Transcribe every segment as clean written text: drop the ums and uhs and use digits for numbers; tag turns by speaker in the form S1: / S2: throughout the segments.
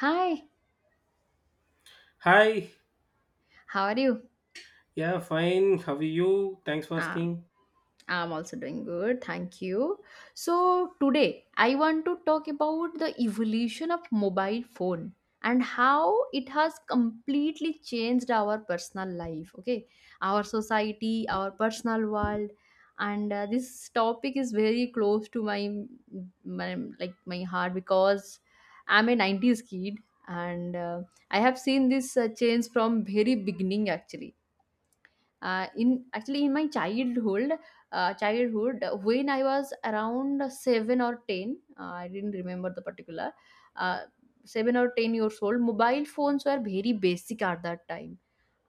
S1: Hi,
S2: Hi,
S1: how are you?
S2: yeah, fine. How are you? Thanks for
S1: Um,
S2: asking.
S1: I'm also doing good, thank you. So, today I want to talk about the evolution of mobile phone and how it has completely changed our personal life, okay? Our society, our personal world. And This topic is very close to my heart because I'm a 90s kid and I have seen this change from very beginning actually, in my childhood when I was around 7 or 10. I didn't remember the particular uh, 7 or 10 years old. Mobile phones were very basic at that time,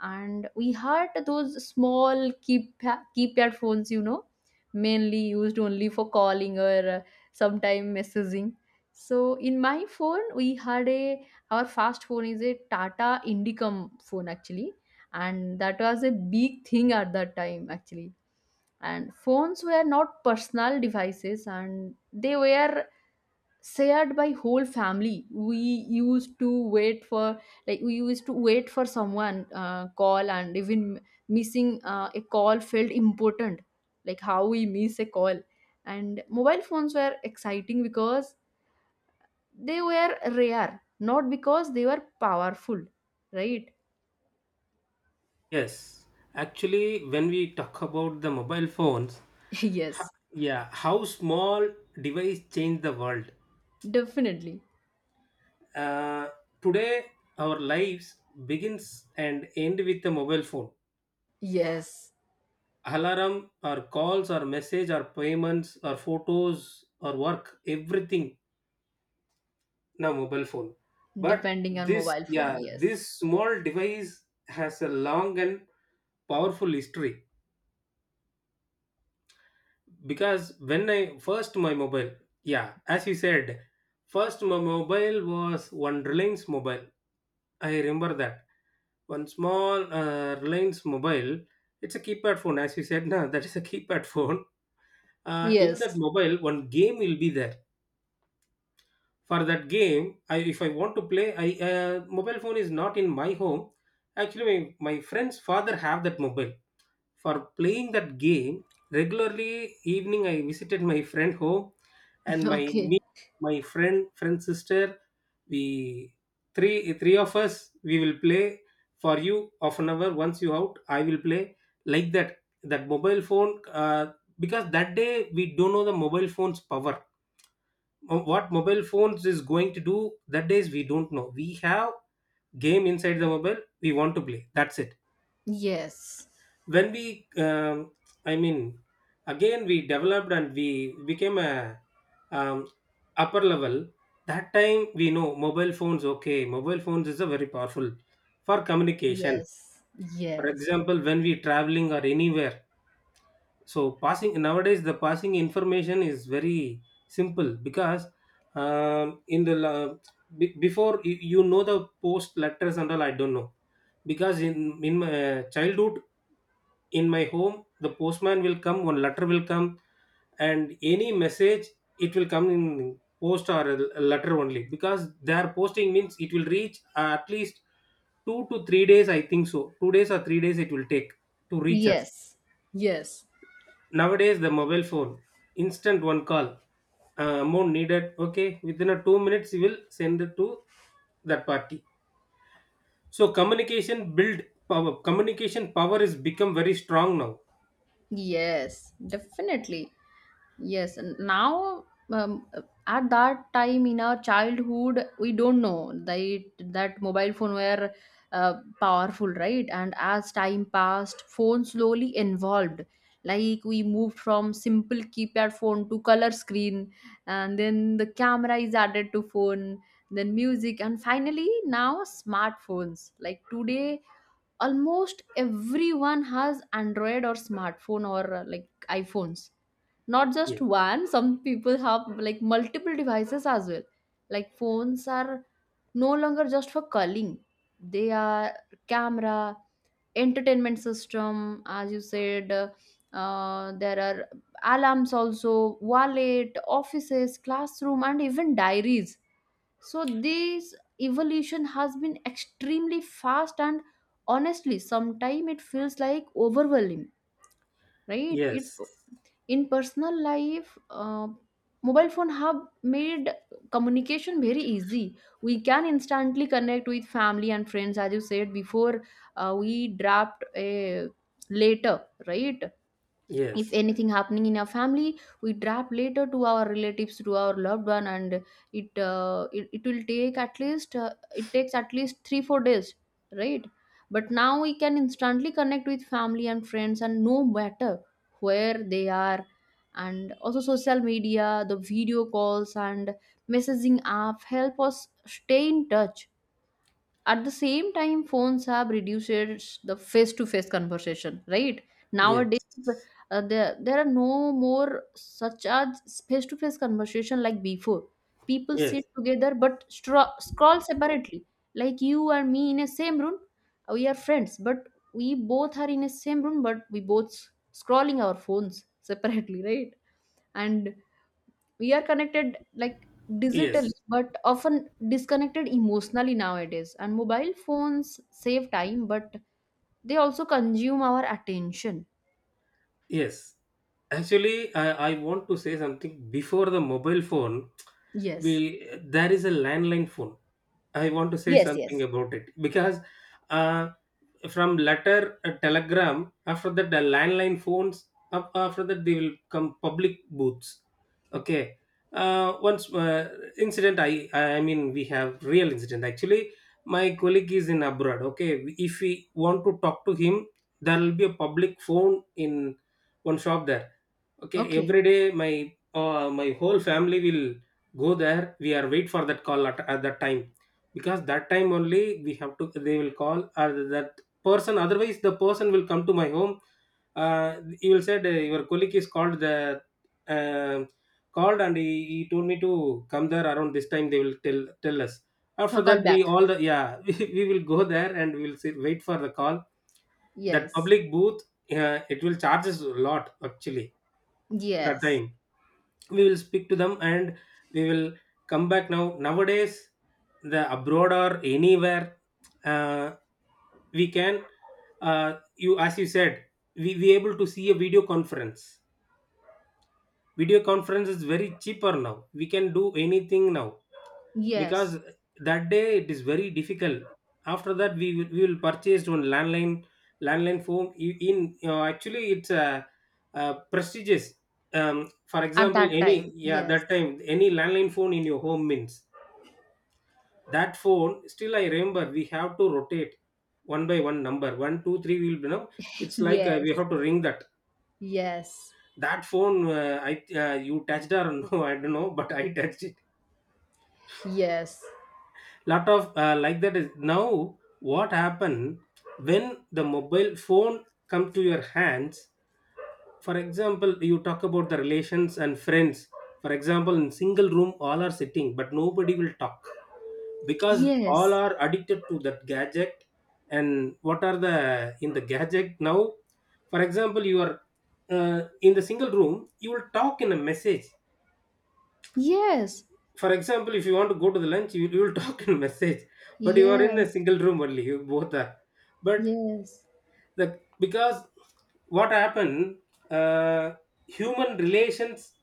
S1: and we had those small keypad phones, mainly used only for calling or sometime messaging. So in my phone we had a, our first phone is a Tata Indicom phone actually, and that was a big thing at that time actually. And phones were not personal devices, and they were shared by whole family. We used to wait for someone call, and even missing a call felt important, like how we miss a call. And mobile phones were exciting because they were rare, not because they were powerful, right?
S2: Yes, actually, when we talk about the mobile phones, ho-
S1: Yes.
S2: yeah, how small device changed the world.
S1: Definitely.
S2: Uh, Today, our lives begins and end with the mobile phone.
S1: Yes.
S2: Alarm, or calls, or message, or payments, or photos, or work, everything now mobile phone. But
S1: Depending on
S2: this,
S1: mobile phone,
S2: yeah,
S1: yes.
S2: this small device has a long and powerful history because when I first my mobile, yeah, as you said, first my mobile was one Reliance mobile. I remember that one small Reliance mobile. It's a keypad phone, as you said. No, that is a keypad phone. In that
S1: Yes.
S2: mobile, one game will be there. For that game, I, if I want to play, I mobile phone is not in my home. Actually, my friend's father have that mobile for playing that game regularly. Evening I visited my friend home, and
S1: Okay.
S2: me my friend sister, we three of us, we will play. For you half an hour, once you out, I will play, like that, that mobile phone. Because that day we don't know the mobile phone's power. What mobile phones is going to do, that days we don't know. We have game inside the mobile, we want to play, that's it.
S1: Yes.
S2: When we I mean, again we developed and we became a um, upper level. That time we know mobile phones, okay, mobile phones is a very powerful for communication.
S1: Yes.
S2: For
S1: Yes.
S2: example, when we traveling or anywhere, so passing, nowadays the passing information is very simple because, in the before, the post letters and all, I don't know. Because in my childhood, in my home, the postman will come, one letter will come, and any message it will come in post or a letter only, because their posting means it will reach, at least 2 to 3 days I think so, 2 days or 3 days it will take to reach us.
S1: Yes. Yes.
S2: Nowadays the mobile phone, instant one call, amount needed, okay, within a 2 minutes you will send it to that party. So communication build, power communication power is become very strong now.
S1: Yes. Definitely. Yes, and now, um, at that time in our childhood, we don't know that that mobile phone were powerful, right? And as time passed, phone slowly evolved. Like we moved from simple keypad phone to color screen, and then the camera is added to phone, then music, and finally now smartphones. Like today, almost everyone has android or smartphone or like iPhones, not
S2: Yeah.
S1: just one. Some people have like multiple devices as well. Like phones are no longer just for calling. They are camera, entertainment system, as you said. There are alarms also, wallet, offices, classroom, and even diaries. So this evolution has been extremely fast, and honestly sometimes it feels like overwhelming, right? It's,
S2: Yes.
S1: in personal life, mobile phone have made communication very easy. We can instantly connect with family and friends. As you said before, we draft a later, right? If
S2: Yes,
S1: anything happening in our family, we drop later to our relatives, to our loved one, and it will take at least, it takes at least 3 4 days, right? But now we can instantly connect with family and friends, and no matter where they are. And also social media, the video calls and messaging app help us stay in touch. At the same time, phones have reduced the face to face conversation, right? Nowadays
S2: yes,
S1: there are no more such as face to face conversation like before. People
S2: yes,
S1: sit together but scroll separately. Like you and me in a same room, we are friends, but we both are in a same room but we both scrolling our phones separately, right? And we are connected like digitally
S2: yes,
S1: but often disconnected emotionally nowadays. And mobile phones save time, but they also consume our attention.
S2: yes. Actually, I want to say something before the mobile phone.
S1: Yes.
S2: We, there is a landline phone. I want to say
S1: Yes,
S2: something
S1: yes.
S2: about it because, uh, from letter a telegram, after that the landline phones, up after that they will come public booths, okay, once, incident, I mean we have real incident actually. My colleague is in abroad, okay, if we want to talk to him, there will be a public phone in one shop there. Okay,
S1: Okay.
S2: every day my my whole family will go there. We are wait for that call at that time because that time only we have to. They will call or that person. Otherwise, the person will come to my home. He will said your colleague is called the um called, and he told me to come there around this time. They will tell us.
S1: Her
S2: After
S1: call
S2: that,
S1: back.
S2: we all the, yeah, we will go there and we will sit, wait for the call. That
S1: Yes.
S2: public booth, it will charge us a lot actually that
S1: Yes.
S2: time. We will speak to them and we will come back. Now nowadays the abroad or anywhere, uh, we can, you as you said, we able to see a Video conference is very cheaper now, we can do anything now,
S1: Yes.
S2: because that day it is very difficult. After that we will, purchase one landline phone in. Actually, it's a, prestigious, for
S1: At
S2: example
S1: that
S2: any,
S1: time,
S2: yeah,
S1: yes.
S2: that time, any landline phone in your home means that phone, still I remember, we have to rotate one by one, number 1, 2, 3 will be know. It's like, we
S1: Yes.
S2: have to ring that
S1: Yes.
S2: that phone, I, you touched or no, I don't know, but I touched
S1: Yes.
S2: lot of, like that. Is now what happen when the mobile phone come to your hands. For example, you talk about the relations and friends. For example, in single room all are sitting but nobody will talk, because all
S1: Yes.
S2: are addicted to that gadget. And what are the in the gadget now. For example, you are, in the single room, you will talk in a message.
S1: Yes.
S2: For example, if you want to go to the lunch, you will talk in message, but you are in a
S1: Yes.
S2: single room only. You both are, but
S1: Yes.
S2: the, because what happened, uh, human relations,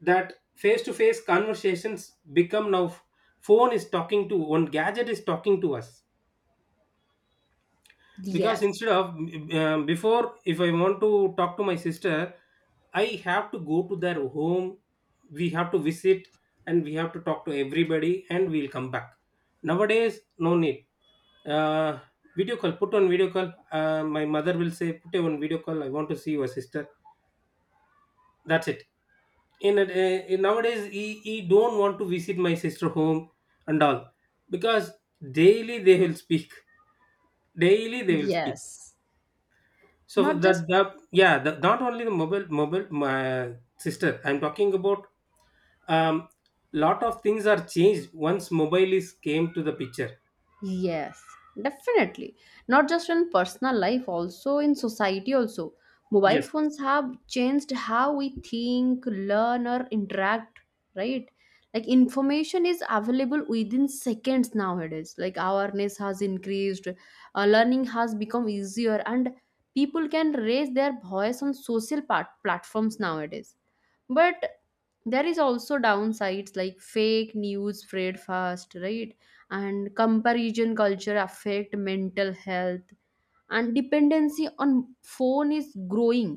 S2: that face to face conversations become now phone is talking to, one gadget is talking to us, because
S1: Yes.
S2: instead of, before, if I want to talk to my sister, I have to go to their home, we have to visit, and we have to talk to everybody and we'll come back. Nowadays no need, uh, video call, put on video call, my mother will say put on video call, I want to see your sister, that's it. In nowadays, he don't want to visit my sister home and all, because daily they will speak, daily they will speak.
S1: Yes.
S2: So
S1: Not just.
S2: that the yeah, the, not only the mobile, my sister. I'm talking about, um lot of things are changed once mobile is came to the picture.
S1: Yes, definitely. Not just in personal life, also in society also. Mobile
S2: Yes,
S1: phones have changed how we think, learn or interact, right? Like information is available within seconds nowadays. Like awareness has increased, learning has become easier, and people can raise their voice on social platforms nowadays. But there is also downsides, like fake news spread fast, right? And comparison culture affect mental health, and dependency on phone is growing.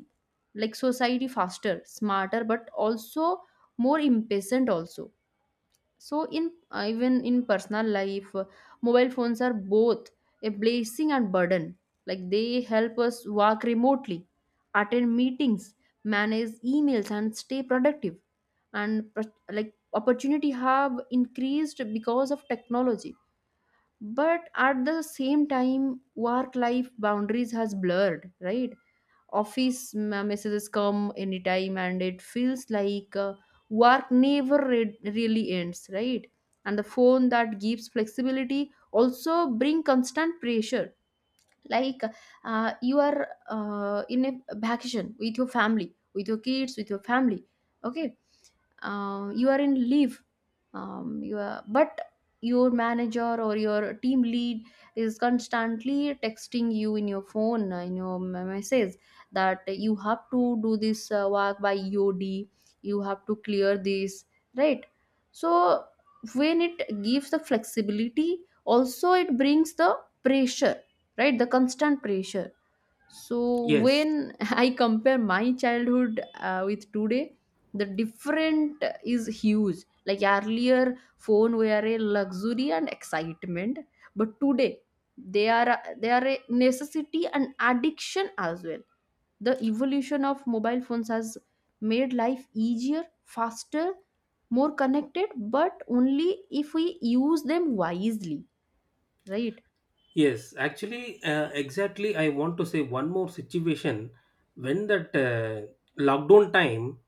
S1: Like society faster, smarter, but also more impatient also. So in even in personal life, mobile phones are both a blessing and burden. Like they help us work remotely, attend meetings, manage emails and stay productive, and like opportunity have increased because of technology. But at the same time, work life boundaries has blurred, right? Office messages come anytime, and it feels like, work never really ends, right? And the phone that gives flexibility also bring constant pressure. Like you are in a vacation with your family, with your kids, with your family, okay? You are in leave, you are, but your manager or your team lead is constantly texting you in your phone, message, that you have to do this work by EOD, you have to clear this, right? So when it gives the flexibility, also it brings the pressure, right? The constant pressure. So
S2: yes,
S1: when I compare my childhood with today, the different is huge. Like earlier, phone were a luxury and excitement, but today they are they are a necessity and addiction as well. The evolution of mobile phones has made life easier, faster, more connected, but only if we use them wisely, right?
S2: yes. Actually, exactly, I want to say one more situation, when that lockdown time.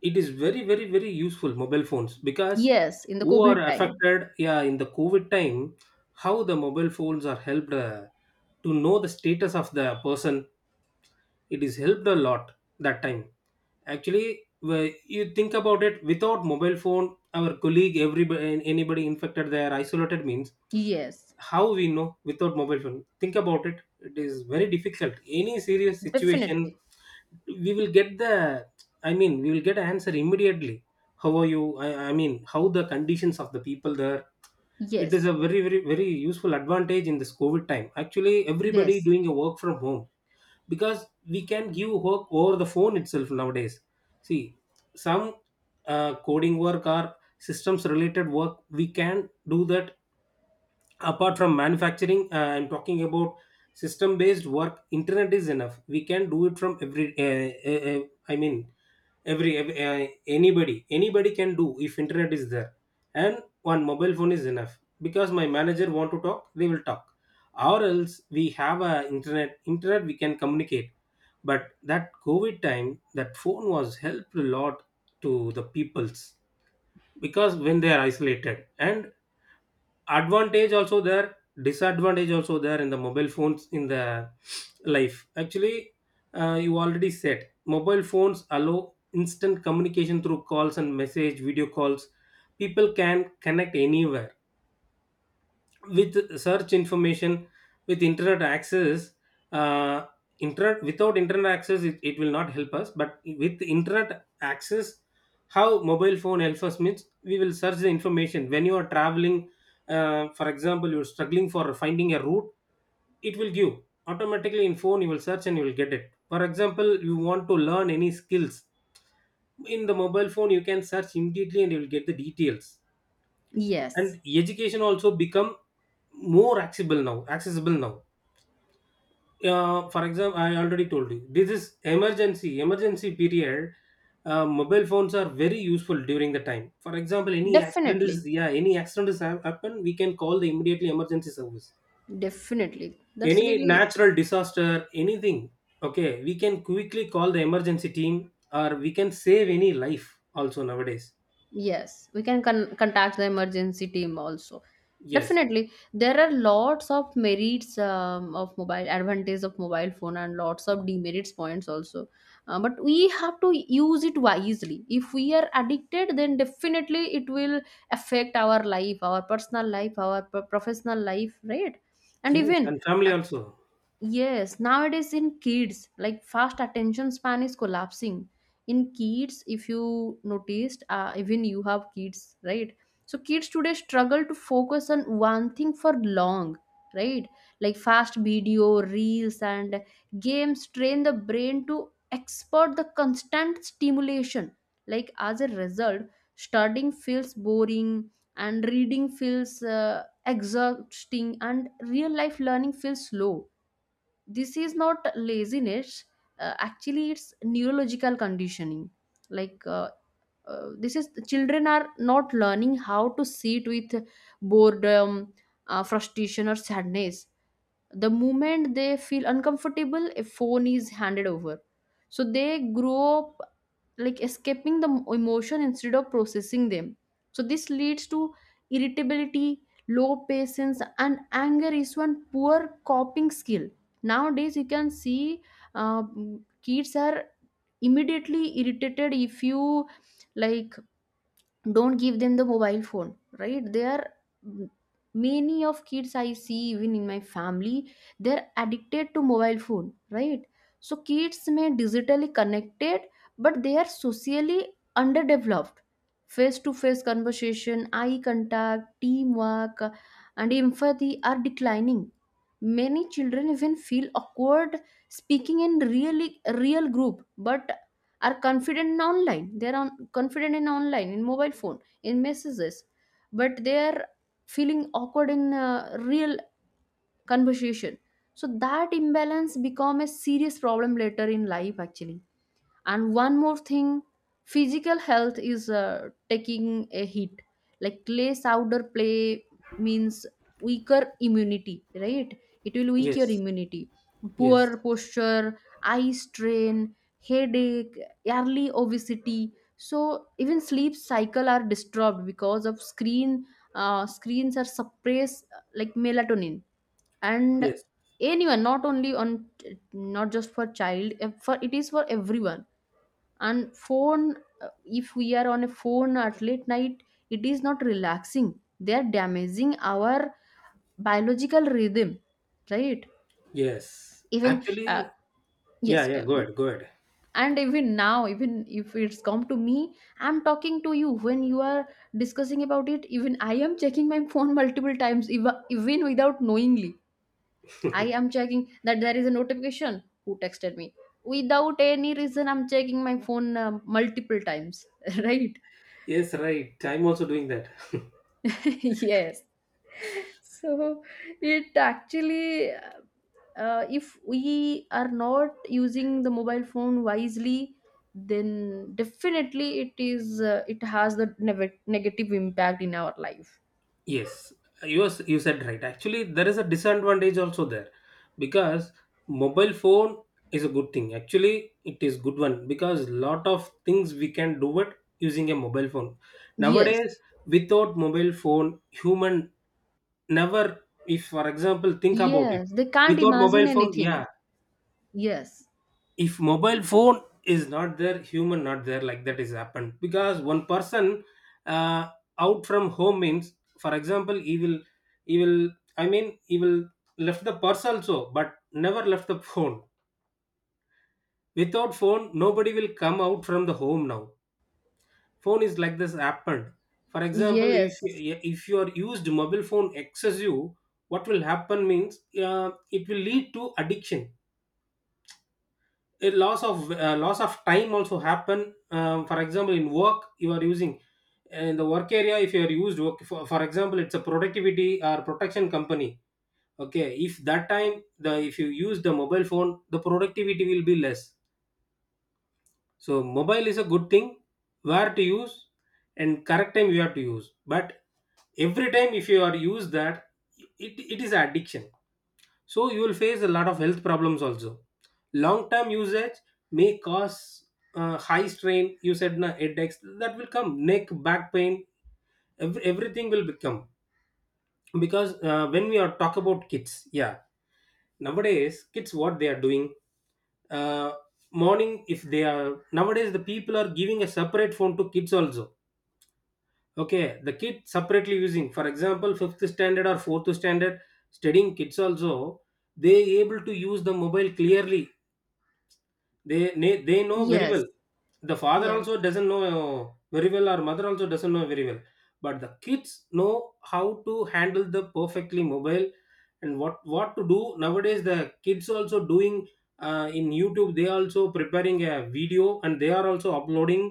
S2: It is very very very useful mobile phones, because
S1: Yes, in the
S2: who are
S1: COVID time.
S2: affected, yeah, in the COVID time, how the mobile phones are helped, to know the status of the person, it is helped a lot that time. Actually, you think about it, without mobile phone, our colleague, everybody, anybody infected, they are isolated means,
S1: Yes,
S2: how we know without mobile phone, think about it, it is very difficult. Any serious situation,
S1: definitely.
S2: we will get the, I mean, we will get an answer immediately, how are you, I mean how the conditions of the people there. It is
S1: Yes,
S2: a very very very useful advantage in this COVID time. Actually, everybody
S1: yes,
S2: doing a work from home, because we can give work over the phone itself nowadays. See, some coding work or systems related work, we can do that. Apart from manufacturing, I'm talking about system based work, internet is enough, we can do it from every uh, uh, I mean every, anybody can do if internet is there. And one mobile phone is enough, because my manager want to talk, they will talk, or else we have a internet, we can communicate. But that COVID time, that phone was helped a lot to the peoples, because when they are isolated. And advantage also there, disadvantage also there in the mobile phones, in the life actually. You already said, mobile phones allow instant communication through calls and message, video calls, people can connect anywhere, with search information, with internet access. uh, Internet, without internet access, it will not help us, but with internet access, how mobile phone helps us means, we will search the information when you are traveling. For example, you're struggling for finding a route, it will give automatically, in phone you will search and you will get it. For example, you want to learn any skills, in the mobile phone you can search immediately and you will get the details.
S1: yes,
S2: And education also become more accessible now. For example, I already told you, this is emergency period. Mobile phones are very useful during the time. For example, any accident is
S1: definitely,
S2: yeah any accident is happen, we can call the immediately emergency service.
S1: definitely. That's
S2: Any
S1: really,
S2: natural disaster, anything, okay, we can quickly call the emergency team, or we can save any life also nowadays.
S1: yes, we can contact the emergency team also.
S2: Yes,
S1: Definitely, there are lots of merits, of mobile, advantage of mobile phone, and lots of demerits points also. But we have to use it wisely. If we are addicted, then definitely it will affect our life, our personal life, our professional life, right? And
S2: yes,
S1: even
S2: and family
S1: uh,
S2: also.
S1: yes, nowadays in kids, like fast attention span is collapsing. In kids, if you noticed, even you have kids, right? So kids today struggle to focus on one thing for long, right? Like fast video, reels, and games train the brain to export the constant stimulation. Like as a result, studying feels boring, and reading feels exhausting, and real life learning feels slow. This is not laziness, actually it's neurological conditioning. Like this is, children are not learning how to sit with boredom, frustration or sadness. The moment they feel uncomfortable, a phone is handed over. So they grow up like escaping the emotion instead of processing them. So this leads to irritability, low patience, and anger is one poor coping skill. Nowadays you can see, uh, kids are immediately irritated if you like don't give them the mobile phone right there. Are many of kids I see even in my family, they're addicted to mobile phone, right? So kids may digitally connected, but they are socially underdeveloped. Face to face conversation, eye contact, teamwork, and empathy are declining. Many children even feel awkward speaking in really real group, but are confident in online, they're on confident in online, in mobile phone, in messages, but they're feeling awkward in real conversation. So that imbalance become a serious problem later in life actually. And one more thing, physical health is taking a hit. Like less outdoor play means weaker immunity, right? It will weak your
S2: Yes,
S1: immunity. Poor
S2: yes,
S1: posture, eye strain, headache, early obesity, so even sleep cycle are disturbed because of screens are suppress, like melatonin. And
S2: yes.
S1: anyone, not only on, not just for child, for it is for everyone. And phone, if we are on a phone at late night, it is not relaxing, they are damaging our biological rhythm, right?
S2: Yes,
S1: Even
S2: actually, yeah,
S1: yes,
S2: yeah.
S1: tell
S2: Go
S1: me.
S2: ahead, go ahead.
S1: And even now, even if it's come to me, I'm talking to you when you are discussing about it, even I am checking my phone multiple times, even, even without knowingly I am checking that there is a notification, who texted me. Without any reason, I'm checking my phone multiple times right.
S2: Yes, right. I'm also doing that.
S1: Yes, so it actually, if we are not using the mobile phone wisely, then definitely it has the negative impact in our life.
S2: Yes, you said right. Actually, there is a disadvantage also there, because mobile phone is a good thing. Actually, it is good one because lot of things we can do it using a mobile phone.
S1: Yes.
S2: Nowadays, without mobile phone, human never, if, for example, think about it.
S1: Yes, they can't
S2: Without
S1: imagine
S2: mobile phone, yeah,
S1: anything. Yes.
S2: if mobile phone is not there human not there, like that is happened because one person uh, out from home means, for example, he will he will left the purse also but never left the phone. Without phone nobody will come out from the home now. Phone is like this happened. For example, if
S1: Yes.
S2: if you are used mobile phone excessive, what will happen means, uh, it will lead to addiction, a loss of time also happen, for example in work you are using, in the work area if you are used work for example it's a productivity or protection company. Okay, if that time the if you use the mobile phone the productivity will be less. So mobile is a good thing, where to use and correct time you have to use, but every time if you are use that, it is addiction. So you will face a lot of health problems also. Long term usage may cause high strain, you said na, headaches that will come, neck back pain, everything will become. Because when we are talk about kids, yeah, nowadays kids what they are doing, uh, morning if they are, nowadays the people are giving a separate phone to kids also. Okay, the kid separately using, for example fifth standard or fourth standard studying kids also, they able to use the mobile clearly. They know very
S1: Yes.
S2: well. The father also
S1: Yes.
S2: doesn't know very well or mother also doesn't know very well, but the kids know how to handle the perfectly mobile and what to do. Nowadays the kids also doing, in YouTube they also preparing a video and they are also uploading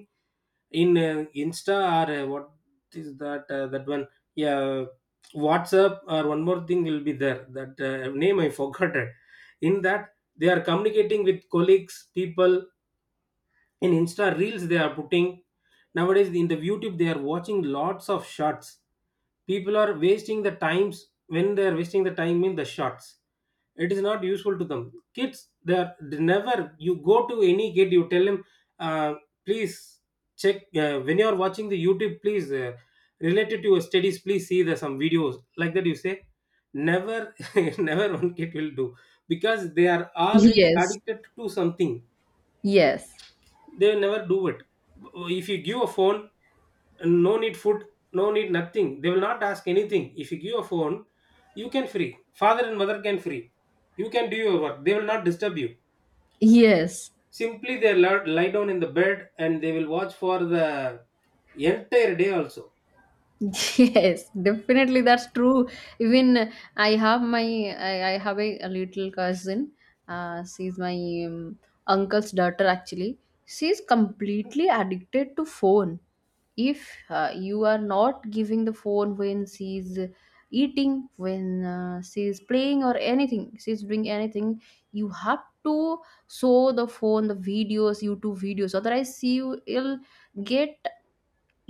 S2: in Insta, or what is that that one, yeah, WhatsApp, or one more thing will be there that name I forgot it. In that they are communicating with colleagues people, in Insta reels they are putting. Nowadays in the YouTube they are watching lots of shots. People are wasting the times. When they are wasting the time in the shots it is not useful to them. Kids, they are they never, you go to any kid you tell him, uh, please check, when you are watching the YouTube please, related to your studies please see the some videos, like that you say, never. Never one kid will do, because they are already
S1: Yes.
S2: addicted to something.
S1: Yes.
S2: They will never do it. If you give a phone, no need food, no need nothing, they will not ask anything if you give a phone. You can free, father and mother can free, you can do your work, they will not disturb you.
S1: Yes.
S2: Simply they lie down in the bed and they will watch for the entire day also.
S1: Yes, definitely that's true. Even I have my, I have a little cousin. She's my, um, uncle's daughter actually. She's completely addicted to phone. If you are not giving the phone when she's eating, when she's playing or anything, she's doing anything, you have to show the phone the videos, YouTube videos. Otherwise, she will get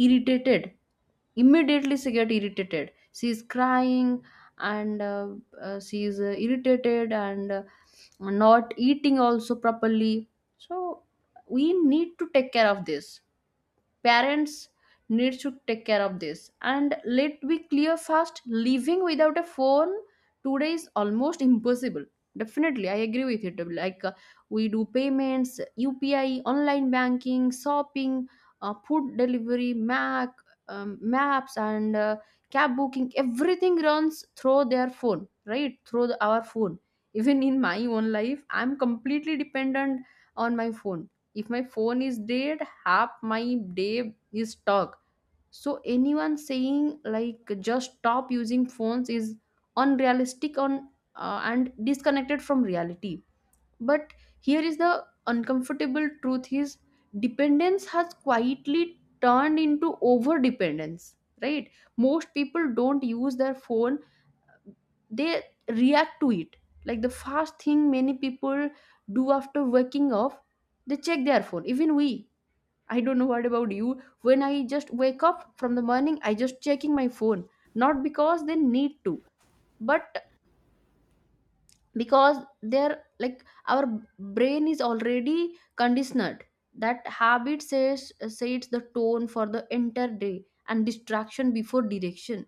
S1: irritated. Immediately she get irritated, she is crying. And she is irritated, and not eating also properly. So we need to take care of this. Parents need to take care of this. And let be clear, fast living without a phone today is almost impossible. Definitely I agree with it. Like we do payments, UPI, online banking, shopping, food delivery, mac maps, and cab booking, everything runs through their phone, right, through the, our phone. Even in my own life, I'm completely dependent on my phone. If my phone is dead, half my day is stuck. So anyone saying like just stop using phones is unrealistic on and disconnected from reality. But here is the uncomfortable truth is, dependence has quietly turned into over dependence, right? Most people don't use their phone, they react to it. Like the first thing many people do after waking up, they check their phone. Even we, I don't know what about you. When I just wake up from the morning, I just checking my phone. Not because they need to, but because they're like our brain is already conditioned. That habit says sets the tone for the entire day, and distraction before direction.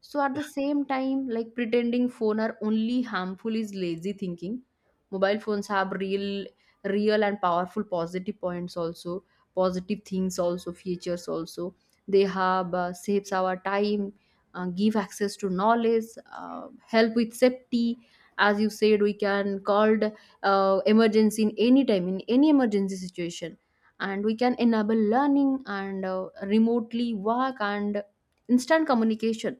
S1: So at the same time, like pretending phone are only harmful is lazy thinking. Mobile phones have real, real and powerful positive points also, positive things also, features also. They have saves our time, give access to knowledge, help with safety. As you said, we can called emergency in any time, in any emergency situation, and we can enable learning and remotely work and instant communication,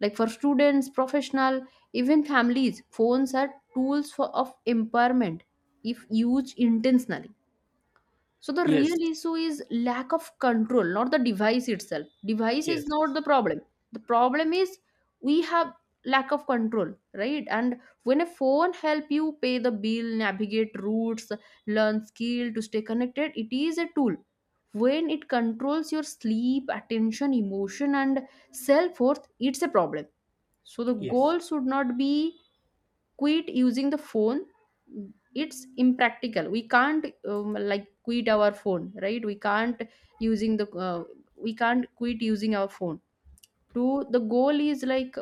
S1: like for students, professional, even families, phones are tools for of empowerment, if used intentionally. So the real
S2: Yes,
S1: issue is lack of control, not the device itself. Device
S2: yes,
S1: is not the problem. The problem is we have lack of control, right? And when a phone help you pay the bill, navigate routes, learn skill, to stay connected, it is a tool. When it controls your sleep, attention, emotion, and self worth, it's a problem. So the
S2: yes,
S1: goal should not be quit using the phone. It's impractical. We can't, like quit our phone, right? Using the uh, we can't quit using our phone. To the goal is like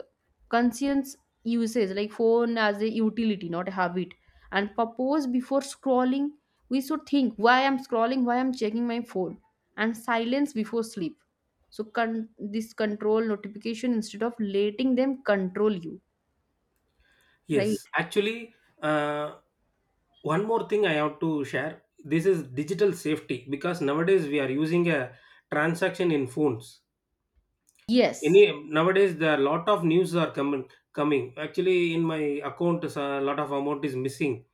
S1: conscience usage, like phone as a utility, not a habit. And purpose before scrolling, we should think why I'm scrolling, why I'm checking my phone, and silence before sleep. So this control notification instead of letting them control you, right?
S2: yes, actually, uh, one more thing I have to share, this is digital safety, because nowadays we are using a transaction in phones.
S1: Yes.
S2: Any nowadays there are lot of news are coming, coming, actually in my account a lot of amount is missing,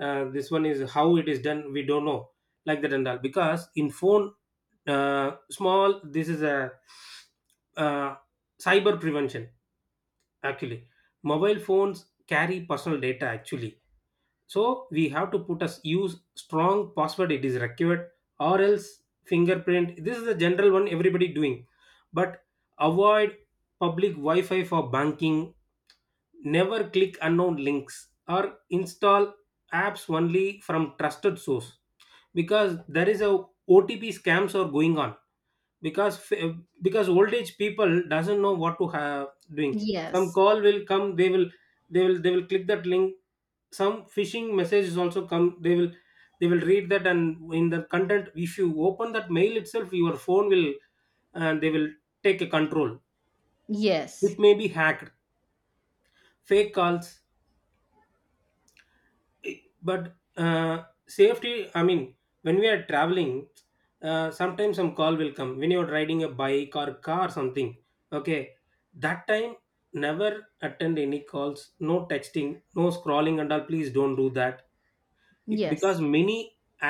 S2: this one is how it is done we don't know, like that and all, because in phone, small this is a uh, cyber prevention actually. Mobile phones carry personal data actually, so we have to put a use strong password, it is required, or else fingerprint, this is the general one everybody doing. But avoid public wi-fi for banking, never click unknown links, or install apps only from trusted source, because there is a OTP scams are going on. Because because old age people doesn't know what to have doing. Some
S1: Yes.
S2: call will come, they will, they will click that link. Some phishing messages also come, they will, they will read that, and in the content if you open that mail itself your phone will, and they will take a control.
S1: Yes.
S2: It may be hacked, fake calls. But safety, I mean, when we are traveling, sometimes some call will come when you're riding a bike or car or something, okay, that time never attend any calls, no texting, no scrolling and all, please don't do that. It-
S1: Yes.
S2: because many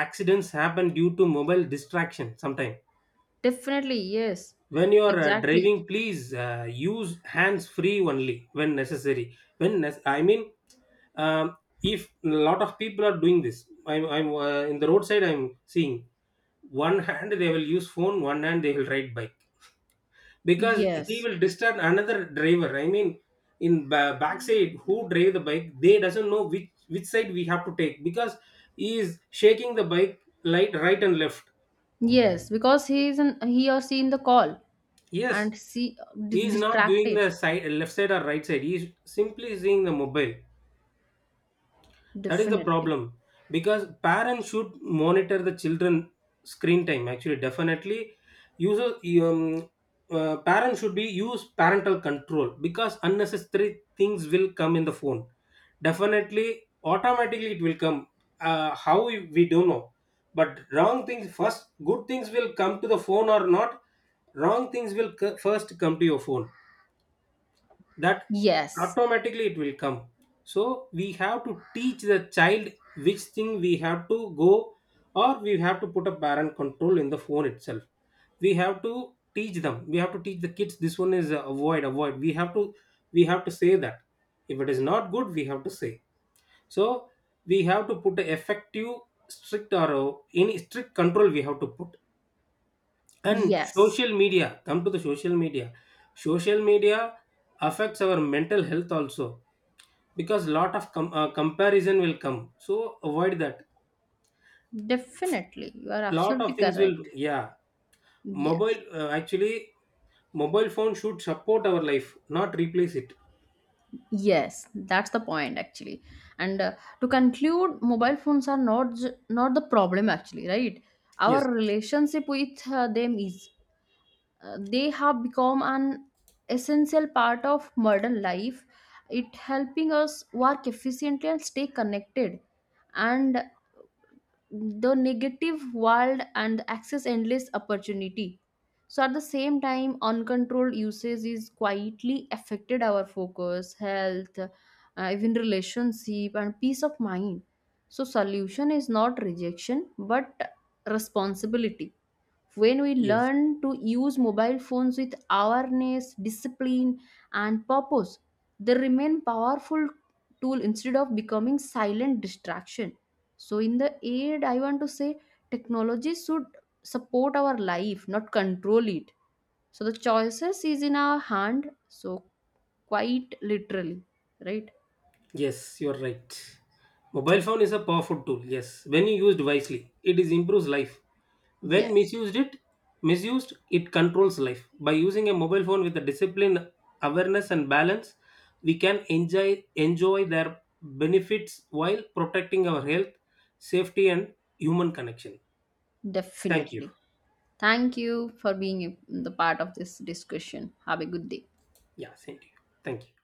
S2: accidents happen due to mobile distraction sometimes.
S1: Definitely. Yes.
S2: When you are
S1: Exactly.
S2: driving, please use hands free only when necessary. When I mean, um, if a lot of people are doing this, I'm in the roadside I'm seeing, one hand they will use phone, one hand they will ride bike, because he
S1: Yes.
S2: will disturb another driver, I mean in backside who drive the bike they doesn't know which side we have to take, because he is shaking the bike light right and left.
S1: Yes, because he is in, he or she in the call.
S2: Yes.
S1: And see,
S2: He's not doing
S1: distracted.
S2: the side left side or right side, he's simply seeing the mobile. That is the
S1: Definitely.
S2: problem. Because parents should monitor the children screen time. Actually, definitely, user, um, parents should be use parental control because unnecessary things will come in the phone. Definitely, automatically it will come. How we don't know, but wrong things first. Good things will come to the phone or not. Wrong things will first come to your phone, that
S1: Yes.
S2: automatically it will come. So we have to teach the child which thing we have to go, or we have to put a parent control in the phone itself. We have to teach them, we have to teach the kids, this one is avoid, avoid we have to, we have to say that, if it is not good we have to say. So we have to put a effective strict, or any strict control we have to put. And
S1: Yes,
S2: social media, come to the social media, social media affects our mental health also, because lot of comparison will come, so avoid that.
S1: definitely you are
S2: Lot
S1: absolutely
S2: of things will,
S1: correct.
S2: yeah,
S1: Yes.
S2: mobile actually, mobile phone should support our life, not replace it.
S1: Yes, that's the point actually. And to conclude, mobile phones are not the problem actually, right?
S2: Yes,
S1: Our relationship with them is, uh, they have become an essential part of modern life. It helping us work efficiently and stay connected, and the negative world, and access endless opportunity. So at the same time, uncontrolled usage is quietly affected our focus, health, even relationship and peace of mind. So solution is not rejection, but responsibility. When we
S2: yes,
S1: learn to use mobile phones with awareness, discipline, and purpose, they remain powerful tool instead of becoming silent distraction. So in the end, I want to say technology should support our life, not control it. So the choices is in our hand, so, quite literally, right?
S2: yes, you are right. Mobile phone is a powerful tool, yes, when you used wisely it is improves life. When
S1: Yes,
S2: misused it controls life. By using a mobile phone with a discipline, awareness and balance, we can enjoy their benefits while protecting our health, safety and human connection. Thank you.
S1: definitely. Thank you for being the part of this discussion. Have a good day.
S2: Yeah, same to you. Thank you.